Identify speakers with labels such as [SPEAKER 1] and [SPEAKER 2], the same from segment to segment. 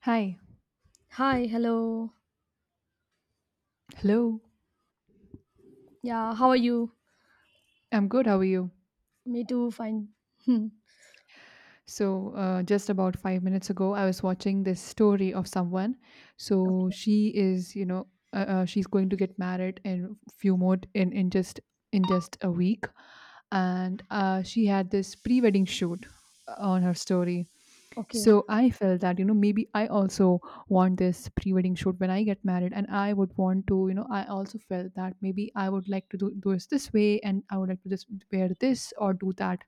[SPEAKER 1] Hi.
[SPEAKER 2] Hi, hello.
[SPEAKER 1] Hello.
[SPEAKER 2] Yeah, how are you?
[SPEAKER 1] I'm good. How are you?
[SPEAKER 2] Me too, fine. Hmm,
[SPEAKER 1] So, just about 5 minutes ago, I was watching this story of someone. So she is, she's going to get married in few more in just a week, and she had this pre-wedding shoot on her story.
[SPEAKER 2] okay.
[SPEAKER 1] So I felt that, maybe I also want this pre wedding shoot when I get married. And I would want to, I also felt that maybe I would like to do this way, and I would like to just wear this or do that.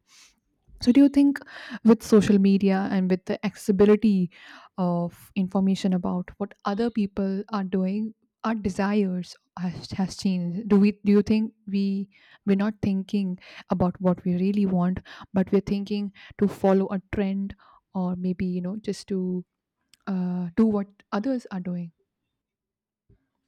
[SPEAKER 1] So, do you think with social media and with the accessibility of information about what other people are doing, our desires has changed? Do we? Do you think we're not thinking about what we really want, but we're thinking to follow a trend, or maybe just to do what others are doing?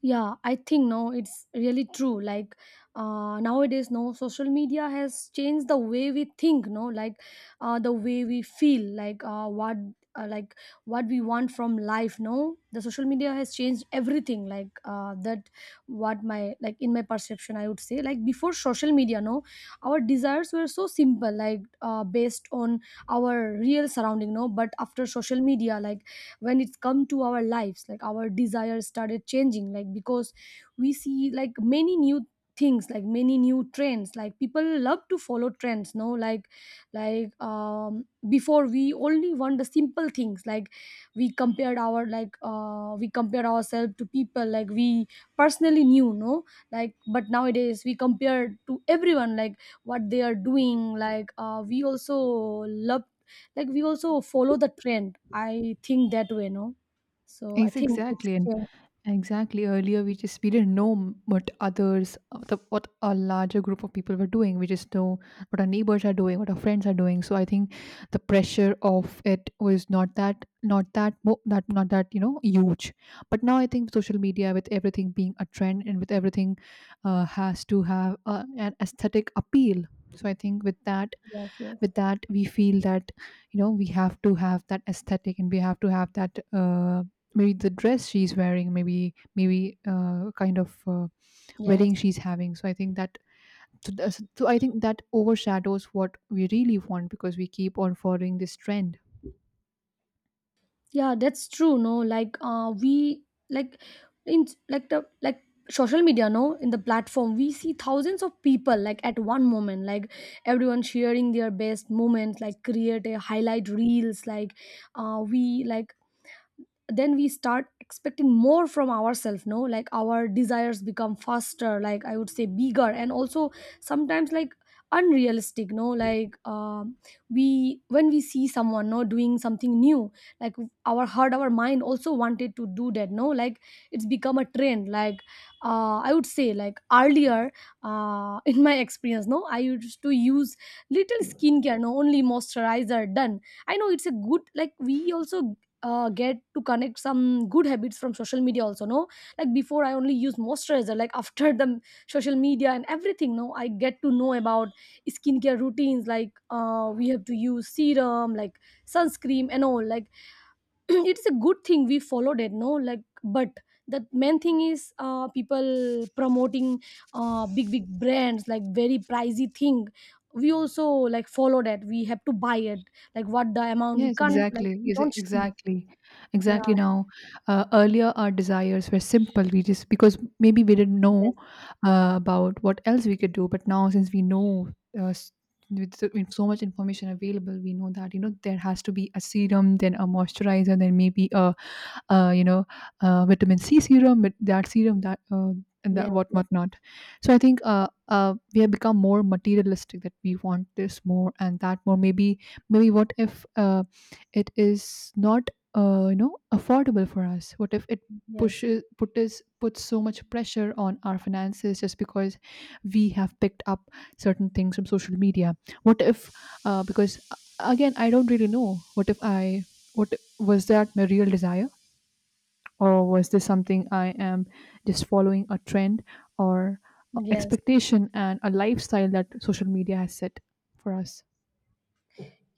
[SPEAKER 2] Yeah, I think, no, it's really true, like nowadays, no, social media has changed the way we think, no, like the way we feel, like what like what we want from life, no, the social media has changed everything, like that what my, like in my perception I would say, like before social media, no, our desires were so simple, like based on our real surrounding, no, but after social media, like when it's come to our lives, like our desires started changing, like because we see, like many new things, like many new trends, like people love to follow trends, no, like like before we only want the simple things, like we compared our, like we compare ourselves to people, like we personally knew, no, like but nowadays we compare to everyone, like what they are doing, like we also love, like we also follow the trend, I think that way, no. So I
[SPEAKER 1] Yes,
[SPEAKER 2] think it's
[SPEAKER 1] exactly. And
[SPEAKER 2] changed.
[SPEAKER 1] Exactly. Earlier, we didn't know what others, what a larger group of people were doing. We just know what our neighbors are doing, what our friends are doing. So I think the pressure of it was not that huge. But now I think social media, with everything being a trend and with everything, has to have an aesthetic appeal. So I think with that,
[SPEAKER 2] Yes, yes,
[SPEAKER 1] we feel that we have to have that aesthetic and we have to have that. Maybe the dress she's wearing, maybe kind of
[SPEAKER 2] yes.
[SPEAKER 1] wedding she's having. So I think that overshadows what we really want, because we keep on following this trend.
[SPEAKER 2] Yeah, that's true, no, like we, like in like the like social media, no, in the platform we see thousands of people, like at one moment, like everyone sharing their best moments, like create a highlight reels, like we like then we start expecting more from ourselves, no, like our desires become faster, like I would say bigger, and also sometimes, like unrealistic, no, like we, when we see someone, no, doing something new, like our heart, our mind also wanted to do that, no, like it's become a trend, like I would say, like earlier in my experience, no, I used to use little skincare, no, only moisturizer done. I know it's a good, like we also get to connect some good habits from social media also, no, like before I only use moisturizer, like after the social media and everything, no, I get to know about skincare routines, like we have to use serum, like sunscreen and all, like it's a good thing we followed it, no, like but the main thing is people promoting big big brands, like very pricey thing we also, like follow that we have to buy it, like what the amount we Yes.
[SPEAKER 1] Yes,
[SPEAKER 2] can't, like
[SPEAKER 1] exactly.
[SPEAKER 2] we
[SPEAKER 1] Yes,
[SPEAKER 2] don't see.
[SPEAKER 1] exactly.
[SPEAKER 2] Yeah.
[SPEAKER 1] Exactly. Now, earlier our desires were simple. We just, because maybe we didn't
[SPEAKER 2] Yes,
[SPEAKER 1] know about what else we could do, but now since we know uh, s- with so much information available, we know that there has to be a serum, then a moisturizer, then maybe a uh, you know, vitamin C serum, that serum, that and that
[SPEAKER 2] yes,
[SPEAKER 1] what
[SPEAKER 2] yes,
[SPEAKER 1] what not. So I think, we have become more materialistic, that we want this more and that more. Maybe what if it is not affordable for us? What if it
[SPEAKER 2] yes,
[SPEAKER 1] pushes puts puts so much pressure on our finances, just because we have picked up certain things from social media? What if, because again I don't really know, what if I what was that, my real desire, or was this something I am just following, a trend or a
[SPEAKER 2] yes.
[SPEAKER 1] expectation and a lifestyle that social media has set for us?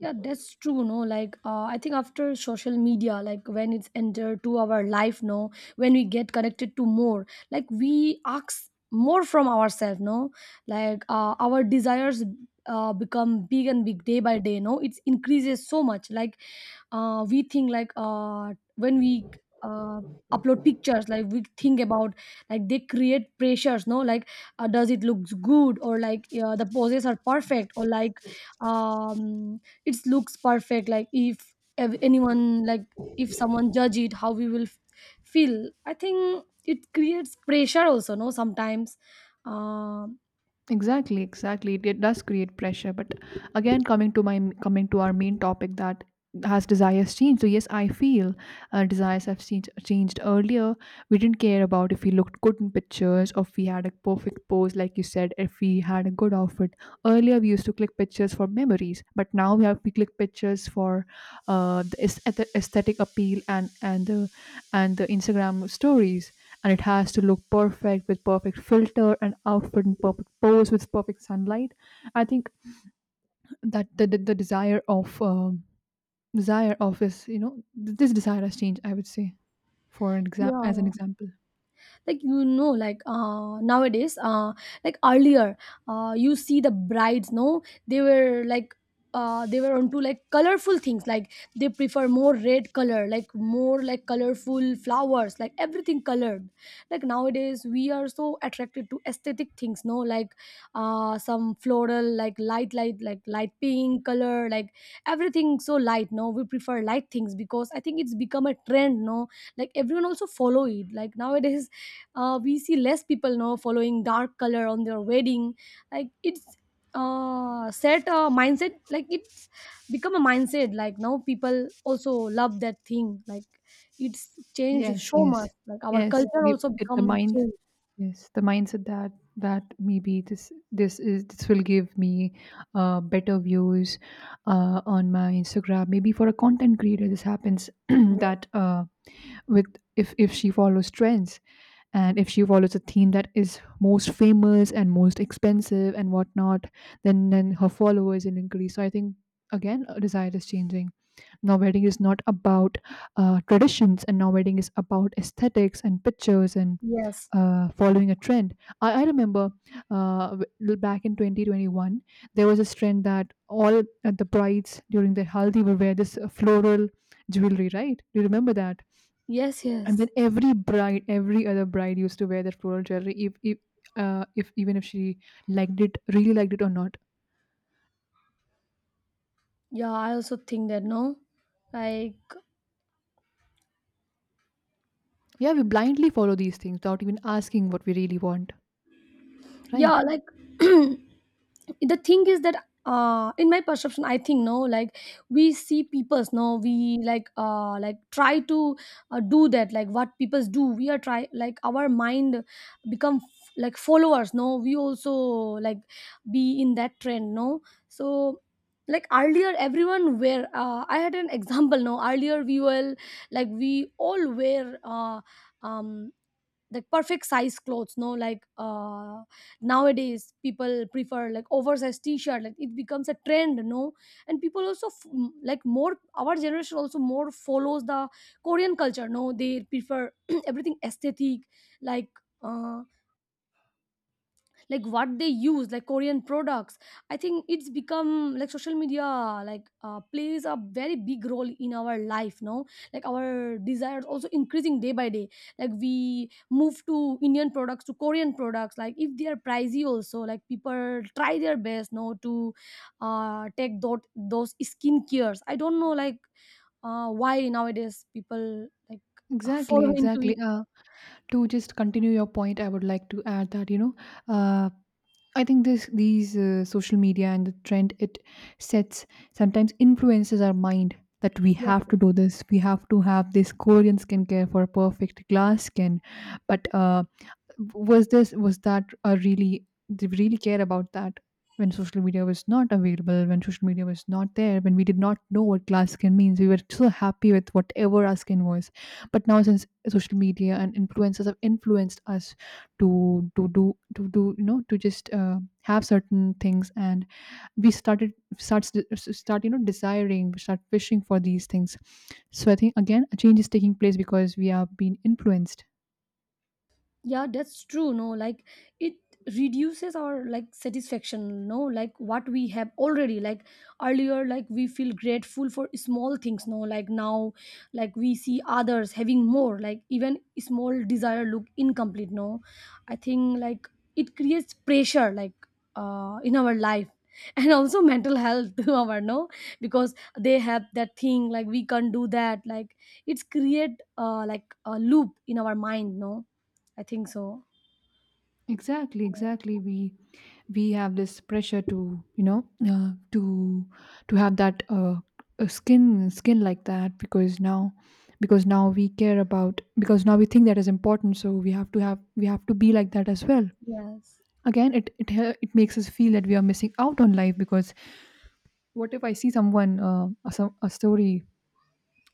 [SPEAKER 2] Yeah, that's true. No, like I think after social media, like when it's entered to our life, no, when we get connected to more, like we ask more from ourselves, no, like our desires become big and big day by day. No, it increases so much. Like we think, like when we uh, upload pictures, like we think about, like they create pressures, no, like does it looks good, or like the poses are perfect, or like um it looks perfect, like if ev- anyone, like if someone judge it, how we will feel, I think it creates pressure also, no, sometimes. um
[SPEAKER 1] Exactly, exactly, it does create pressure. But again, coming to my coming to our main topic, that has desires changed? So yes, I feel desires have changed. Earlier we didn't care about if we looked good in pictures, or if we had a perfect pose, like you said, if we had a good outfit. Earlier we used to click pictures for memories, but now we click pictures for the aesthetic appeal, and the Instagram stories, and it has to look perfect with perfect filter and outfit and perfect pose with perfect sunlight. I think that the desire of is you know th- this desire has changed, I would say, for an exam as an
[SPEAKER 2] yeah,
[SPEAKER 1] example.
[SPEAKER 2] like you know, like nowadays like earlier you see the brides, no, they were like they were onto like colorful things, like they prefer more red color, like more like colorful flowers, like everything colored, like nowadays we are so attracted to aesthetic things, no, like some floral, like light light like light pink color, like everything so light, no, we prefer light things because I think it's become a trend, no, like everyone also follow it, like nowadays we see less people now following dark color on their wedding, like it's set a mindset, like it's become a mindset, like now people also love that thing, like it's changed
[SPEAKER 1] Yes,
[SPEAKER 2] so much,
[SPEAKER 1] yes,
[SPEAKER 2] like our
[SPEAKER 1] yes,
[SPEAKER 2] culture
[SPEAKER 1] we
[SPEAKER 2] also
[SPEAKER 1] it, the
[SPEAKER 2] become
[SPEAKER 1] mind
[SPEAKER 2] changed.
[SPEAKER 1] yes, the mindset, that maybe this will give me better views on my Instagram. Maybe for a content creator this happens,
[SPEAKER 2] Yes,
[SPEAKER 1] that with if she follows trends, and if she follows a theme that is most famous and most expensive and whatnot, then her followers will increase. So I think again desire is changing. Now wedding is not about traditions, and now wedding is about aesthetics and pictures and
[SPEAKER 2] yes,
[SPEAKER 1] following a trend. I remember, back in 2021 there was this trend, that all the brides during their haldi will wear this floral jewelry, right? Do you remember that?
[SPEAKER 2] yes,
[SPEAKER 1] And then
[SPEAKER 2] yes.
[SPEAKER 1] every other bride used to wear that floral jewelry, if even if she liked it, really liked it or not.
[SPEAKER 2] Yeah, I also think that, no, like.
[SPEAKER 1] Yeah, we blindly follow these things without even asking what we really want,
[SPEAKER 2] Yeah,
[SPEAKER 1] right?
[SPEAKER 2] like the thing is that in my perception I think, no, like we see people's, no, we like try to do that, like what people's do we are try, like our mind become like followers, no, we also like be in that trend, no. So like earlier everyone wear I had an example, no, earlier we were like we all wear um like perfect size clothes, no, like nowadays people prefer like oversized t-shirt, like it becomes a trend, no, and people also like more, our generation also more follows the Korean culture, no, they prefer everything aesthetic, like uh like what they use, like Korean products. I think it's become like social media, like plays a very big role in our life now, like our desires also increasing day by day, like we move to Indian products to Korean products, like if they are pricey also, like people try their best, no, to take those skin cares. I don't know, like why nowadays people like
[SPEAKER 1] Exactly,
[SPEAKER 2] follow into it.
[SPEAKER 1] exactly. To just continue your point, I would like to add that, uh, I think this these social media and the trend it sets sometimes influences our mind, that we
[SPEAKER 2] Yes,
[SPEAKER 1] have
[SPEAKER 2] yes.
[SPEAKER 1] to do this, we have to have this Korean skincare for perfect glass skin. But was that a really they really care about that when social media was not available, when social media was not there, when we did not know what glass skin means? We were so happy with whatever our skin was, but now since social media and influencers have influenced us to to do to do you know to just have certain things, and we started starts start you know desiring we start wishing for these things. So I think again a change is taking place, because we are being influenced.
[SPEAKER 2] Yeah, that's true, no, like it reduces our like satisfaction, no, like what we have already, like earlier like we feel grateful for small things, no, like now like we see others having more, like even small desire look incomplete, no. I think like it creates pressure, like in our life and also mental health to our, no, because they have that thing, like we can't do that, like it's create like a loop in our mind, no, I think so.
[SPEAKER 1] Exactly, exactly, we have this pressure to, to have that, skin like that, because now, because now we care about because now we think that is important, so we have to be like that as well.
[SPEAKER 2] Yes.
[SPEAKER 1] Again, it makes us feel that we are missing out on life. Because what if I see someone, a, some- a story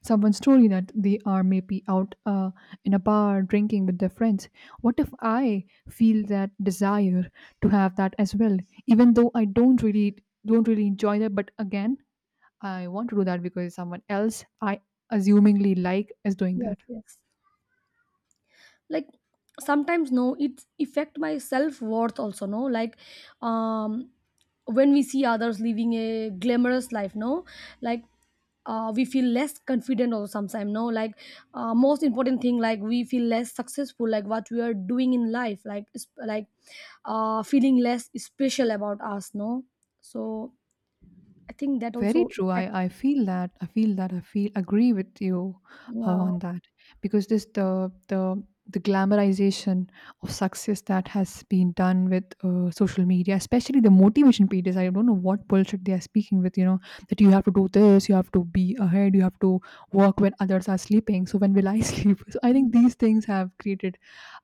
[SPEAKER 1] someone's story, that they are maybe out in a bar drinking with their friends? What if I feel that desire to have that as well, even though I don't really enjoy that, but again I want to do that because someone else, I assumingly like, is doing
[SPEAKER 2] Yes,
[SPEAKER 1] that.
[SPEAKER 2] yes. Like sometimes, no, it affect my self-worth also, no? Like um when we see others living a glamorous life, no? Like we feel less confident also sometimes, no, like most important thing, like we feel less successful, like what we are doing in life, like it's- like feeling less special about us, no. So I think that
[SPEAKER 1] Very
[SPEAKER 2] also
[SPEAKER 1] true.
[SPEAKER 2] affect.
[SPEAKER 1] I feel that. I feel that. I feel agree with you
[SPEAKER 2] Yeah,
[SPEAKER 1] on that, because this the glamorization of success that has been done with, social media, especially the motivation pages. I don't know what bullshit they are speaking with. You know, that you have to do this, you have to be ahead, you have to work when others are sleeping. So when will I sleep? So I think these things have created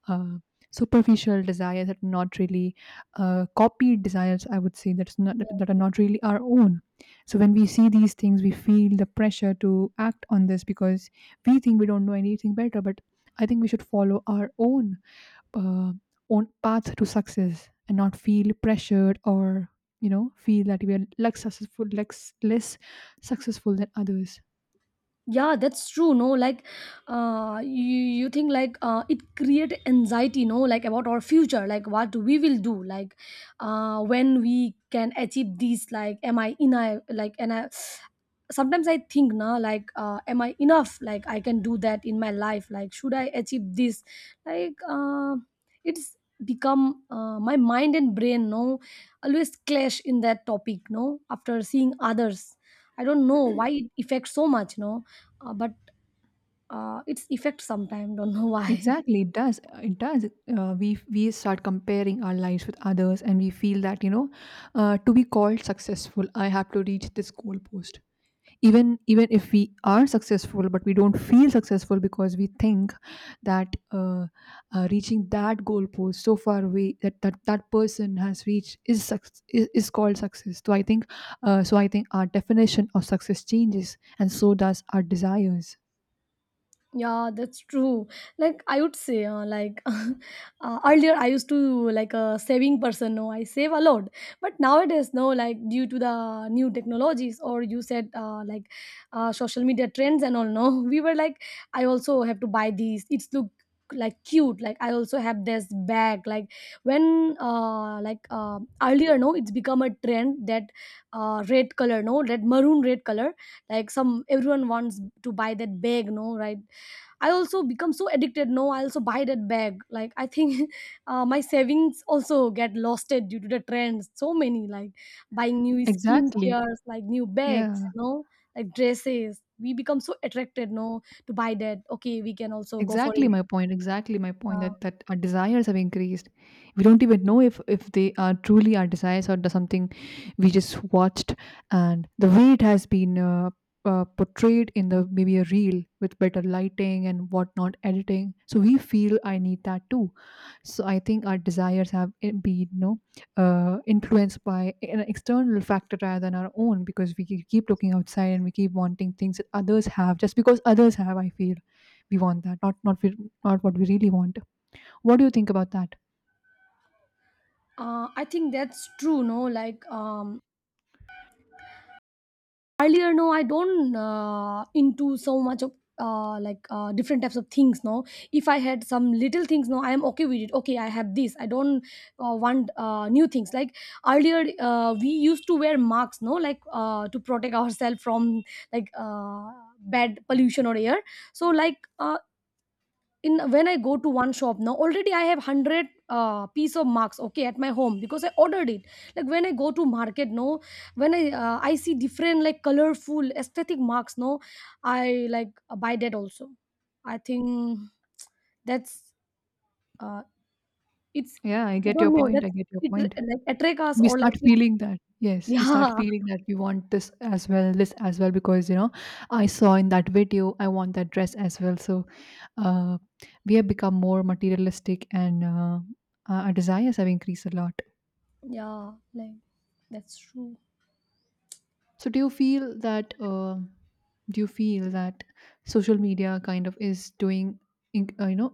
[SPEAKER 1] uh, superficial desires that are not really, copied desires, I would say, that are not really our own. So when we see these things, we feel the pressure to act on this, because we think we don't know anything better. But I think we should follow our uh, own path to success, and not feel pressured, or feel that we are less successful than others.
[SPEAKER 2] yeah, that's true, no, like you you think like it create anxiety, no, like about our future, like what we will do, like when we can achieve this, like am I in I like, and I sometimes I think na, like am I enough, like I can do that in my life, like should I achieve this, like it's become my mind and brain, no, always clash in that topic, no, after seeing others. I don't know why it affects so much, no, but its effect sometimes. Don't know why.
[SPEAKER 1] Exactly, it does. It does. We start comparing our lives with others, and we feel that, to be called successful, I have to reach this goalpost. Even if we are successful, but we don't feel successful, because we think that, reaching that goalpost so far away, that that person has reached, is called success. So I think our definition of success changes, and so does our desires.
[SPEAKER 2] Yeah, that's true. Like I would say, like earlier I used to like a saving person. No, I save a lot, but nowadays, no, like due to the new technologies or you said like social media trends and all. No, we were like, I also have to buy these. It's look like cute. Like I also have this bag. Like when like earlier, no, it's become a trend that red color, no, that maroon red color. Like some everyone wants to buy that bag, no, right? I also become so addicted. No, I also buy that bag. Like I think my savings also get losted due to the trends. So many like buying new
[SPEAKER 1] Exactly.
[SPEAKER 2] skincares, like new bags,
[SPEAKER 1] Yeah.
[SPEAKER 2] no, like dresses. We become so attracted, no, to buy that. Okay, we can also go for
[SPEAKER 1] Exactly
[SPEAKER 2] it.
[SPEAKER 1] my point. Exactly my point,
[SPEAKER 2] Uh,
[SPEAKER 1] that our desires have increased. We don't even know if they are truly our desires, or the something we just watched, and the way it has been, portrayed in the maybe a reel with better lighting and whatnot editing. So we feel, I need that too. So I think our desires have been, influenced by an external factor rather than our own, because we keep looking outside, and we keep wanting things that others have just because others have. I feel we want that not we, not what we really want. What do you think about that?
[SPEAKER 2] I think that's true, no, like earlier no I don't into so much of like different types of things, no. If I had some little things, no, I am okay with it. Okay, I have this, I don't want new things, like earlier we used to wear masks, no, like to protect ourselves from, like bad pollution or air. So like in when I go to one shop, now already I have 100 piece of marks, okay, at my home because I ordered it. Like when I go to market, no, when I I see different, like colorful aesthetic marks, no, I like buy that also. I think that's uh, it's,
[SPEAKER 1] Yeah, I
[SPEAKER 2] I
[SPEAKER 1] get your
[SPEAKER 2] don't know,
[SPEAKER 1] point, I
[SPEAKER 2] that's
[SPEAKER 1] get your
[SPEAKER 2] it,
[SPEAKER 1] point.
[SPEAKER 2] like attract us,
[SPEAKER 1] We
[SPEAKER 2] or
[SPEAKER 1] start
[SPEAKER 2] like it.
[SPEAKER 1] feeling that, yes, we start
[SPEAKER 2] Yeah,
[SPEAKER 1] feeling that we want this as well, this as well, because you know I saw in that video, I want that dress as well. So uh, we have become more materialistic and our desires have increased a lot.
[SPEAKER 2] yeah, like that's true.
[SPEAKER 1] So do you feel that, do you feel that social media kind of is doing you know,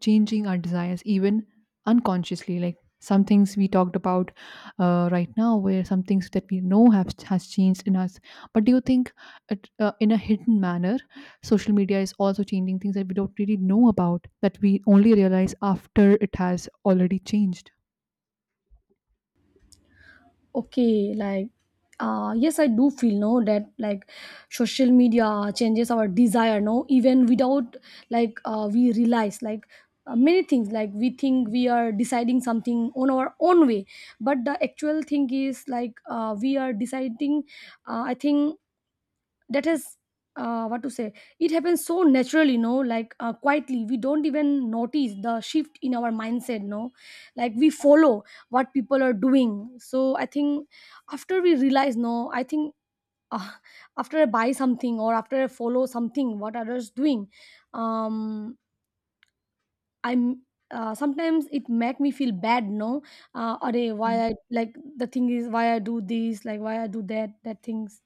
[SPEAKER 1] changing our desires even unconsciously, like some things we talked about right now, where some things that we know have has changed in us, but do you think it, in a hidden manner, social media is also changing things that we don't really know about, that we only realize after it has already changed?
[SPEAKER 2] Okay, like yes I do feel, no, that like social media changes our desire, no, even without, like we realize, like many things, like we think we are deciding something on our own way, but the actual thing is like we are deciding I think that is what to say, it happens so naturally, no, like quietly we don't even notice the shift in our mindset, no, like we follow what people are doing. So I think after we realize, no, I think uh, after I buy something, or after I follow something what others doing, um I'm sometimes it make me feel bad, no, Array, why
[SPEAKER 1] Mm.
[SPEAKER 2] I like the thing is why I do this, like why I do that things.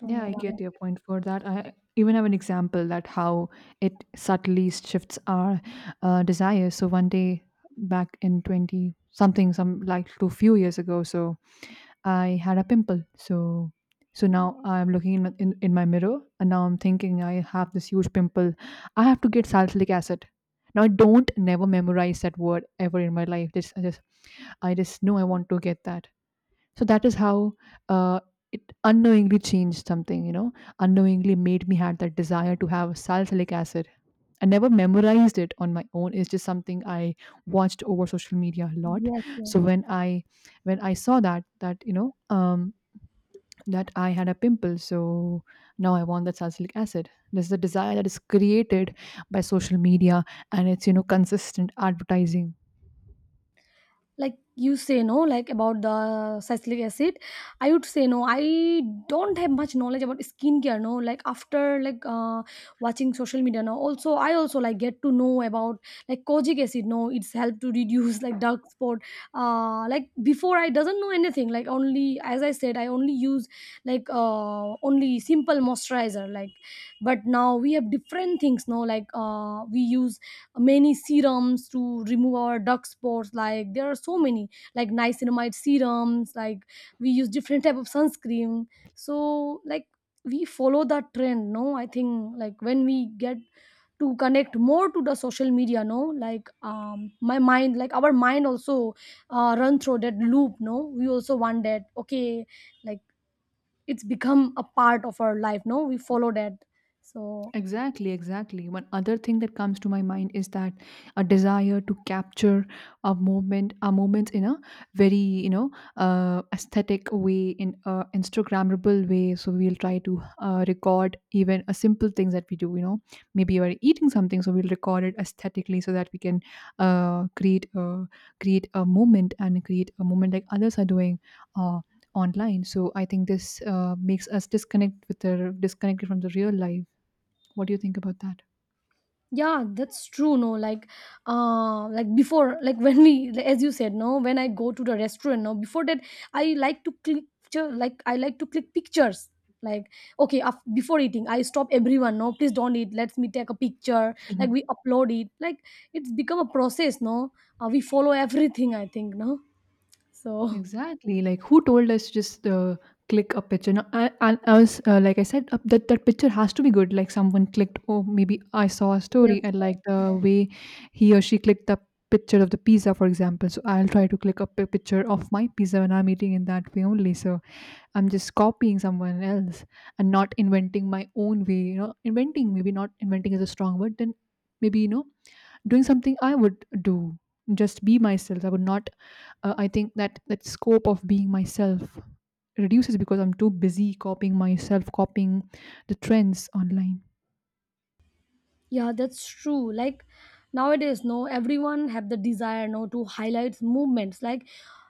[SPEAKER 2] Don't
[SPEAKER 1] Yeah,
[SPEAKER 2] know
[SPEAKER 1] I
[SPEAKER 2] why.
[SPEAKER 1] get your point for that. I even have an example that how it subtly shifts our desire. So one day back in 20 something, some like two few years ago, so I had a pimple. So so now I'm looking in, in my mirror and now I'm thinking I have this huge pimple. I have to get salicylic acid. Now I don't never memorize that word ever in my life. Just I just I just know I want to get that. So that is how uh, it unknowingly changed something, you know, unknowingly made me had that desire to have salicylic acid. I never memorized it on my own. It's just something I watched over social media a lot.
[SPEAKER 2] Yes, yes.
[SPEAKER 1] So when I saw that that you know that I had a pimple, so now I want that salicylic acid. There's a desire that is created by social media and it's, you know, consistent advertising.
[SPEAKER 2] Like you say, no, like about the salicylic acid, I would say, no, I don't have much knowledge about skincare, no, like after, like watching social media now also, I also like get to know about like kojic acid, no, it's helped to reduce like dark spot. Like before I doesn't know anything, like only as I said, I only use like only simple moisturizer, like. But now we have different things, no, like we use many serums to remove our dark spots, like there are so many like niacinamide serums, like we use different type of sunscreen. So like we follow that trend, no I think, like when we get to connect more to the social media, no, like my mind, like our mind also run through that loop, no, we also want that, okay. Like it's become a part of our life, no, we follow that. So
[SPEAKER 1] Exactly, exactly. One other thing that comes to my mind is that a desire to capture a moment, a moments in a very, you know, aesthetic way, in a Instagrammable way. So we'll try to record even a simple things that we do. You know, maybe we're eating something, so we'll record it aesthetically so that we can create a create a moment and create a moment like others are doing. Uh, Online, so I think this makes us disconnect with the disconnected from the real life. What do you think about that?
[SPEAKER 2] yeah, that's true, no. Like like before, like when we, like, as you said, no, when I go to the restaurant, no, before that I like to click, like I like to click pictures, like, okay, before eating I stop everyone, no, please don't eat, let me take a picture, like
[SPEAKER 1] Mhm.
[SPEAKER 2] we upload it, like it's become a process, no. We follow everything, I think, no. So
[SPEAKER 1] Exactly. Like, who told us to just click a picture? Now, I was like I said, that that picture has to be good. Like, someone clicked. Oh, maybe I saw a story
[SPEAKER 2] yes.
[SPEAKER 1] and like the way he or she clicked the picture of the pizza, for example. So I'll try to click a picture of my pizza when I'm eating in that way only. So I'm just copying someone else and not inventing my own way. You know, inventing, maybe not inventing is a strong word. Then maybe, you know, doing something I would do. Just be myself. I would not I think that that scope of being myself reduces because I'm too busy copying myself, copying the trends online.
[SPEAKER 2] Yeah, that's true. Like nowadays, no, everyone have the desire, no, to highlight movements. Like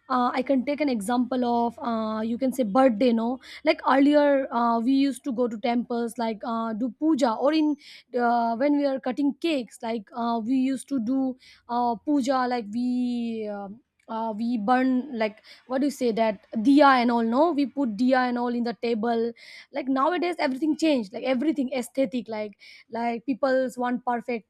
[SPEAKER 2] I can take an example of, you can say birthday, no. Like earlier, we used to go to temples, like do puja, or in when we are cutting cakes, like we used to do puja, like we. We burn, like, what do you say, that diya and all, no, we put diya and all in the table. Like nowadays everything changed, like everything aesthetic, like people's want perfect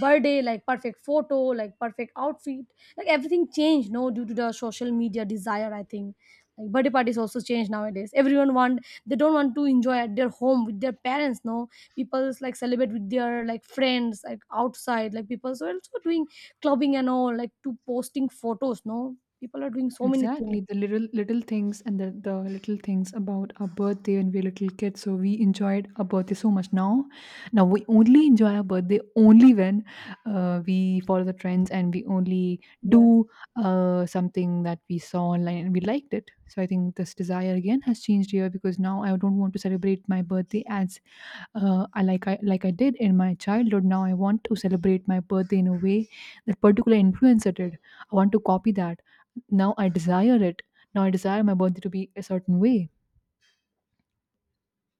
[SPEAKER 2] birthday, like perfect photo, like perfect outfit, like everything changed, no, due to the social media desire, I think. Like birthday parties also change nowadays, everyone want, they don't want to enjoy at their home with their parents, no. People's like celebrate with their like friends, like outside, like people are also doing clubbing and all, like to posting photos, no, people are doing so many
[SPEAKER 1] Exactly,
[SPEAKER 2] things.
[SPEAKER 1] the little little things and the little things about our birthday when we were little kids. So we enjoyed our birthday so much. Now, now we only enjoy our birthday only when we follow the trends and we only
[SPEAKER 2] Yes.
[SPEAKER 1] do something that we saw online and we liked it. So I think this desire again has changed here because now I don't want to celebrate my birthday as I like I did in my childhood. Now I want to celebrate my birthday in a way that particular influencer did. I want to copy that, now I desire it. Now I desire my birthday to be a certain way.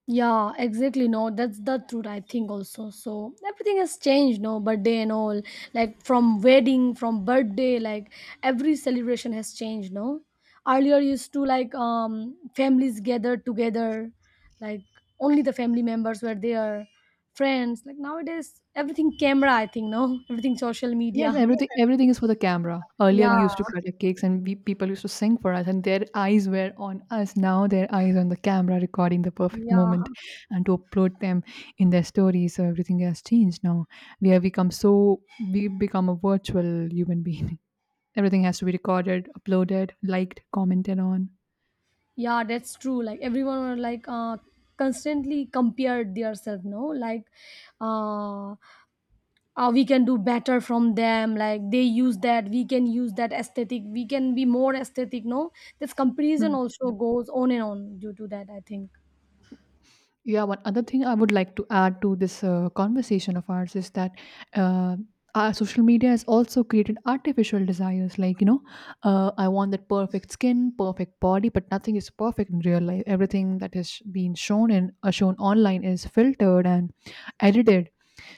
[SPEAKER 2] Yeah, exactly. No, that's the truth. I think also. So everything has changed. No, birthday and all, like from wedding, from birthday, like every celebration has changed. No, earlier used to like families gathered together, like only the family members were there, friends. Like nowadays, everything camera. I think, no, everything social media.
[SPEAKER 1] Yes, everything, everything is for the camera. Earlier
[SPEAKER 2] Yeah,
[SPEAKER 1] we used to cut our cakes and we, people used to sing for us and their eyes were on us. Now their eyes on the camera recording the perfect moment
[SPEAKER 2] yeah,
[SPEAKER 1] and to upload them in their stories. So everything has changed now. We have become so we become a virtual human being. Everything has to be recorded, uploaded, liked, commented on.
[SPEAKER 2] yeah. That's true. Like everyone were like constantly compared themselves. No, like uh we can do better from them, like they use that, we can use that aesthetic, we can be more aesthetic, no. This comparison
[SPEAKER 1] Hmm.
[SPEAKER 2] also goes on and on due to that, I think.
[SPEAKER 1] Yeah, one other thing I would like to add to this conversation of ours is that uh, our social media has also created artificial desires. Like, you know, I want that perfect skin, perfect body, but nothing is perfect in real life. Everything that is being shown and shown online is filtered and edited.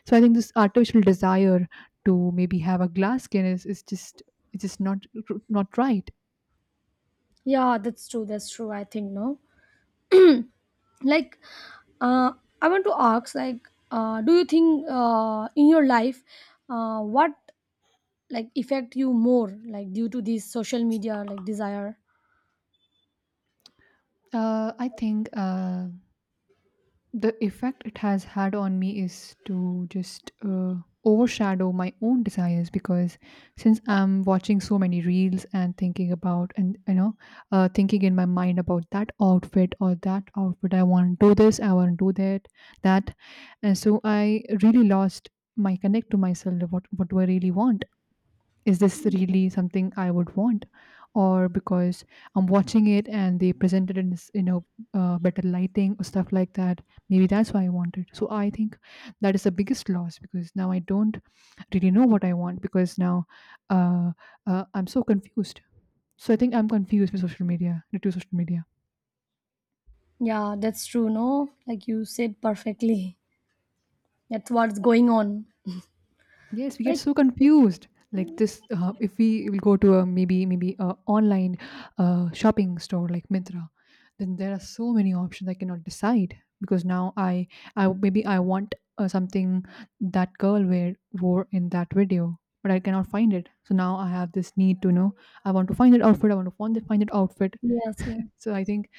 [SPEAKER 1] So I think this artificial desire to maybe have a glass skin is just, it's just not right.
[SPEAKER 2] Yeah, that's true, that's true, I think, no. Like, uh, I want to ask, like do you think in your life what like affect you more, like due to this social media like desire.
[SPEAKER 1] I think. The effect it has had on me is to just overshadow my own desires because since I'm watching so many reels and thinking about, and you know, thinking in my mind about that outfit or that outfit, I want to do this, I want to do that, that, and so I really lost my connect to myself. What do I really want? Is this really something I would want? Or because I'm watching it and they presented it in, you know, better lighting or stuff like that. Maybe that's why I want it. So I think that is the biggest loss because now I don't really know what I want because now uh, I'm so confused. So I think I'm confused with social media, due to social media.
[SPEAKER 2] Yeah, that's true, no, like you said perfectly, that's what's going on.
[SPEAKER 1] Yes, we get
[SPEAKER 2] Like
[SPEAKER 1] so confused. Like this, if we will go to a maybe maybe a online shopping store like Myntra, then there are so many options I cannot decide because now I maybe I want something that girl wear wore in that video, but I cannot find it. So now I have this need to know, I want to find that outfit. I want to find that outfit.
[SPEAKER 2] yes, yeah.
[SPEAKER 1] So I think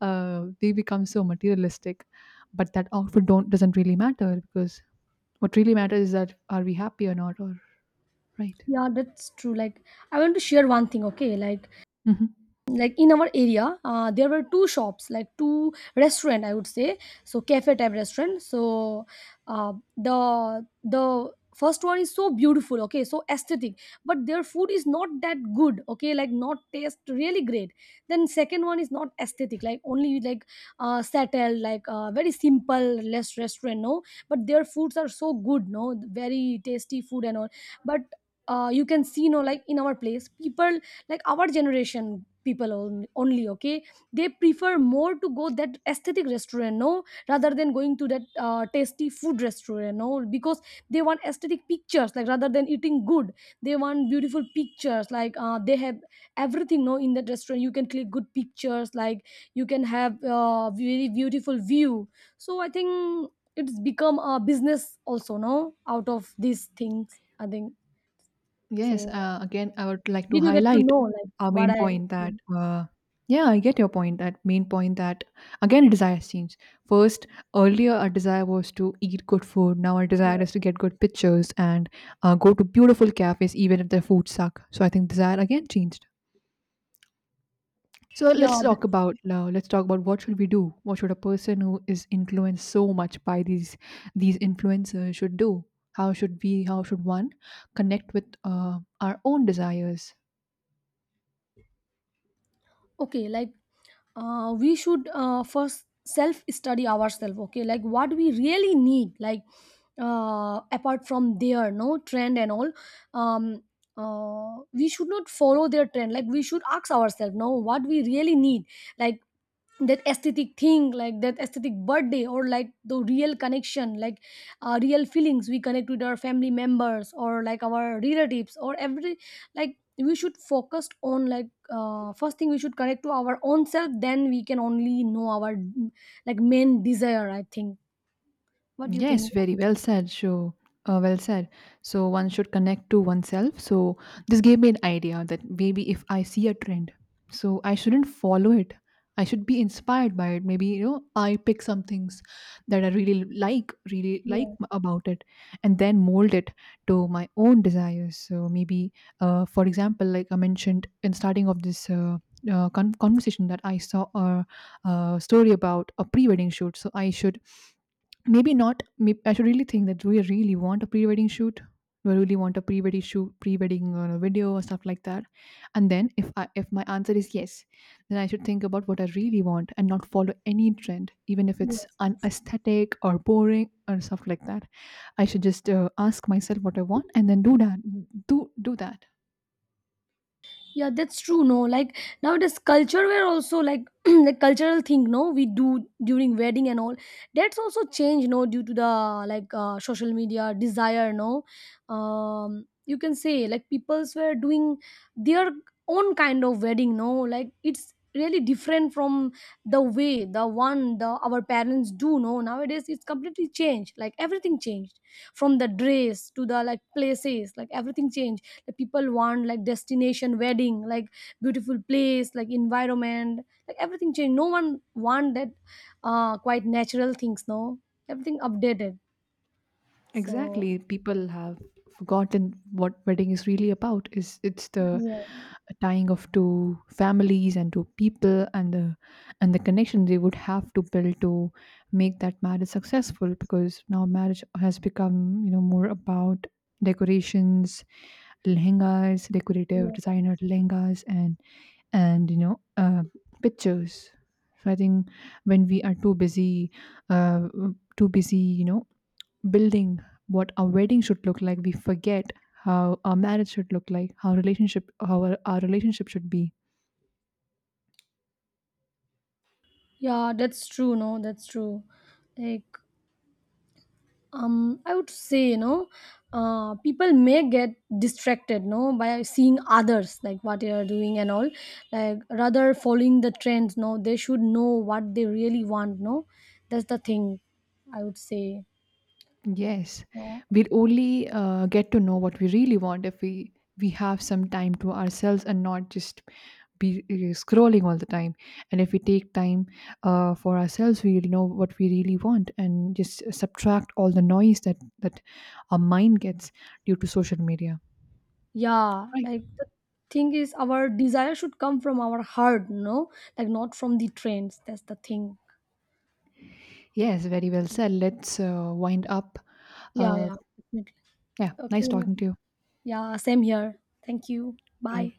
[SPEAKER 1] they become so materialistic, but that outfit don't doesn't really matter because what really matters is that are we happy or not, or. Right.
[SPEAKER 2] Yeah, that's true. Like, I want to share one thing, okay?
[SPEAKER 1] Mhm.
[SPEAKER 2] Like in our area there were two shops, like two restaurant I would say, so cafe type restaurant. So the first one is so beautiful, okay, so aesthetic, but their food is not that good, okay, like not taste really great. Then second one is not aesthetic, like only like settled, like very simple less restaurant, no, but their foods are so good, no, very tasty food and all. But you can see, no, like in our place people, like our generation people only, okay, they prefer more to go that aesthetic restaurant, no, rather than going to that tasty food restaurant, no, because they want aesthetic pictures, like rather than eating good, they want beautiful pictures, like they have everything, no, in that restaurant you can click good pictures, like you can have very beautiful view. So I think it's become a business also, no, out of these things, I think.
[SPEAKER 1] Yes.
[SPEAKER 2] So
[SPEAKER 1] Again, I would like to
[SPEAKER 2] did you get to
[SPEAKER 1] highlight
[SPEAKER 2] know like
[SPEAKER 1] our
[SPEAKER 2] what
[SPEAKER 1] main
[SPEAKER 2] I
[SPEAKER 1] point
[SPEAKER 2] say?
[SPEAKER 1] that, yeah, I get your point. That main point that, again, desires change. First, earlier, our desire was to eat good food. Now, our
[SPEAKER 2] Yeah,
[SPEAKER 1] desire is to get good pictures and go to beautiful cafes, even if their food suck. So, I think desire again changed. So
[SPEAKER 2] yeah,
[SPEAKER 1] let's
[SPEAKER 2] that-.
[SPEAKER 1] talk about now. Let's talk about what should we do? What should a person who is influenced so much by these influencers should do? How should we? How should one connect with our own desires?
[SPEAKER 2] Okay. Like, we should first self study ourselves. Okay, like what we really need, like apart from their no trend and all, um, we should not follow their trend. Like we should ask ourselves, no, what we really need. Like that aesthetic thing, like that aesthetic birthday or like the real connection, like real feelings, we connect with our family members or like our relatives or every, like we should focus on like first thing we should connect to our own self, then we can only know our like main desire, I think. What do you think?
[SPEAKER 1] Yes, very well said. So, well said. So, one should connect to oneself. So, this gave me an idea that maybe if I see a trend, so I shouldn't follow it. I should be inspired by it. Maybe, you know, I pick some things that I really like,
[SPEAKER 2] Yeah,
[SPEAKER 1] about it, and then mold it to my own desires. So maybe, for example, like I mentioned in starting of this. Conversation that I saw a story about a pre-wedding shoot, so I should maybe not, maybe I should really think that do we really want a pre-wedding shoot? Do I really want a pre-wedding shoot, pre-wedding video or stuff like that? And then if I, if my answer is yes, then I should think about what I really want and not follow any trend even if it's
[SPEAKER 2] yes.
[SPEAKER 1] unaesthetic or boring or stuff like that. I should just ask myself what I want and then do that, do that.
[SPEAKER 2] Yeah, that's true. No, like nowadays culture where also like the cultural thing. No, we do during wedding and all. That's also changed. No, due to the like social media desire. No, you can say like people's were doing their own kind of wedding. No, like it's really different from the way the one the our parents do. No, nowadays it's completely changed. Like everything changed from the dress to the like places. Like everything changed, the people want like destination wedding, like beautiful place, like environment, like everything changed, no one want that quite natural things, no, everything updated. So
[SPEAKER 1] Exactly. People have forgotten what wedding is really about. Is it's the
[SPEAKER 2] yeah,
[SPEAKER 1] tying of two families and two people and the connection they would have to build to make that marriage successful, because now marriage has become, you know, more about decorations, lehengas, decorative
[SPEAKER 2] yeah,
[SPEAKER 1] designer lehengas, and you know, pictures. So I think when we are too busy uh, too busy you know, building what our wedding should look like, we forget how our marriage should look like, how relationship, how our relationship should be.
[SPEAKER 2] yeah, that's true, no, that's true. Like I would say, people may get distracted, no, by seeing others like what they are doing and all, like rather following the trends, no, they should know what they really want, no, that's the thing I would say,
[SPEAKER 1] Yes,
[SPEAKER 2] no.
[SPEAKER 1] we'll only get to know what we really want if we have some time to ourselves and not just be scrolling all the time. And if we take time for ourselves, we'll know what we really want and just subtract all the noise that our mind gets due to social media.
[SPEAKER 2] Yeah,
[SPEAKER 1] Right.
[SPEAKER 2] like the thing is our desire should come from our heart, no, like not from the trends, that's the thing.
[SPEAKER 1] Yes, very well said. Let's wind up.
[SPEAKER 2] Yeah,
[SPEAKER 1] uh,
[SPEAKER 2] yeah, definitely.
[SPEAKER 1] Yeah. Nice
[SPEAKER 2] Okay,
[SPEAKER 1] talking to you.
[SPEAKER 2] yeah, same here. Thank you, bye.
[SPEAKER 1] Bye.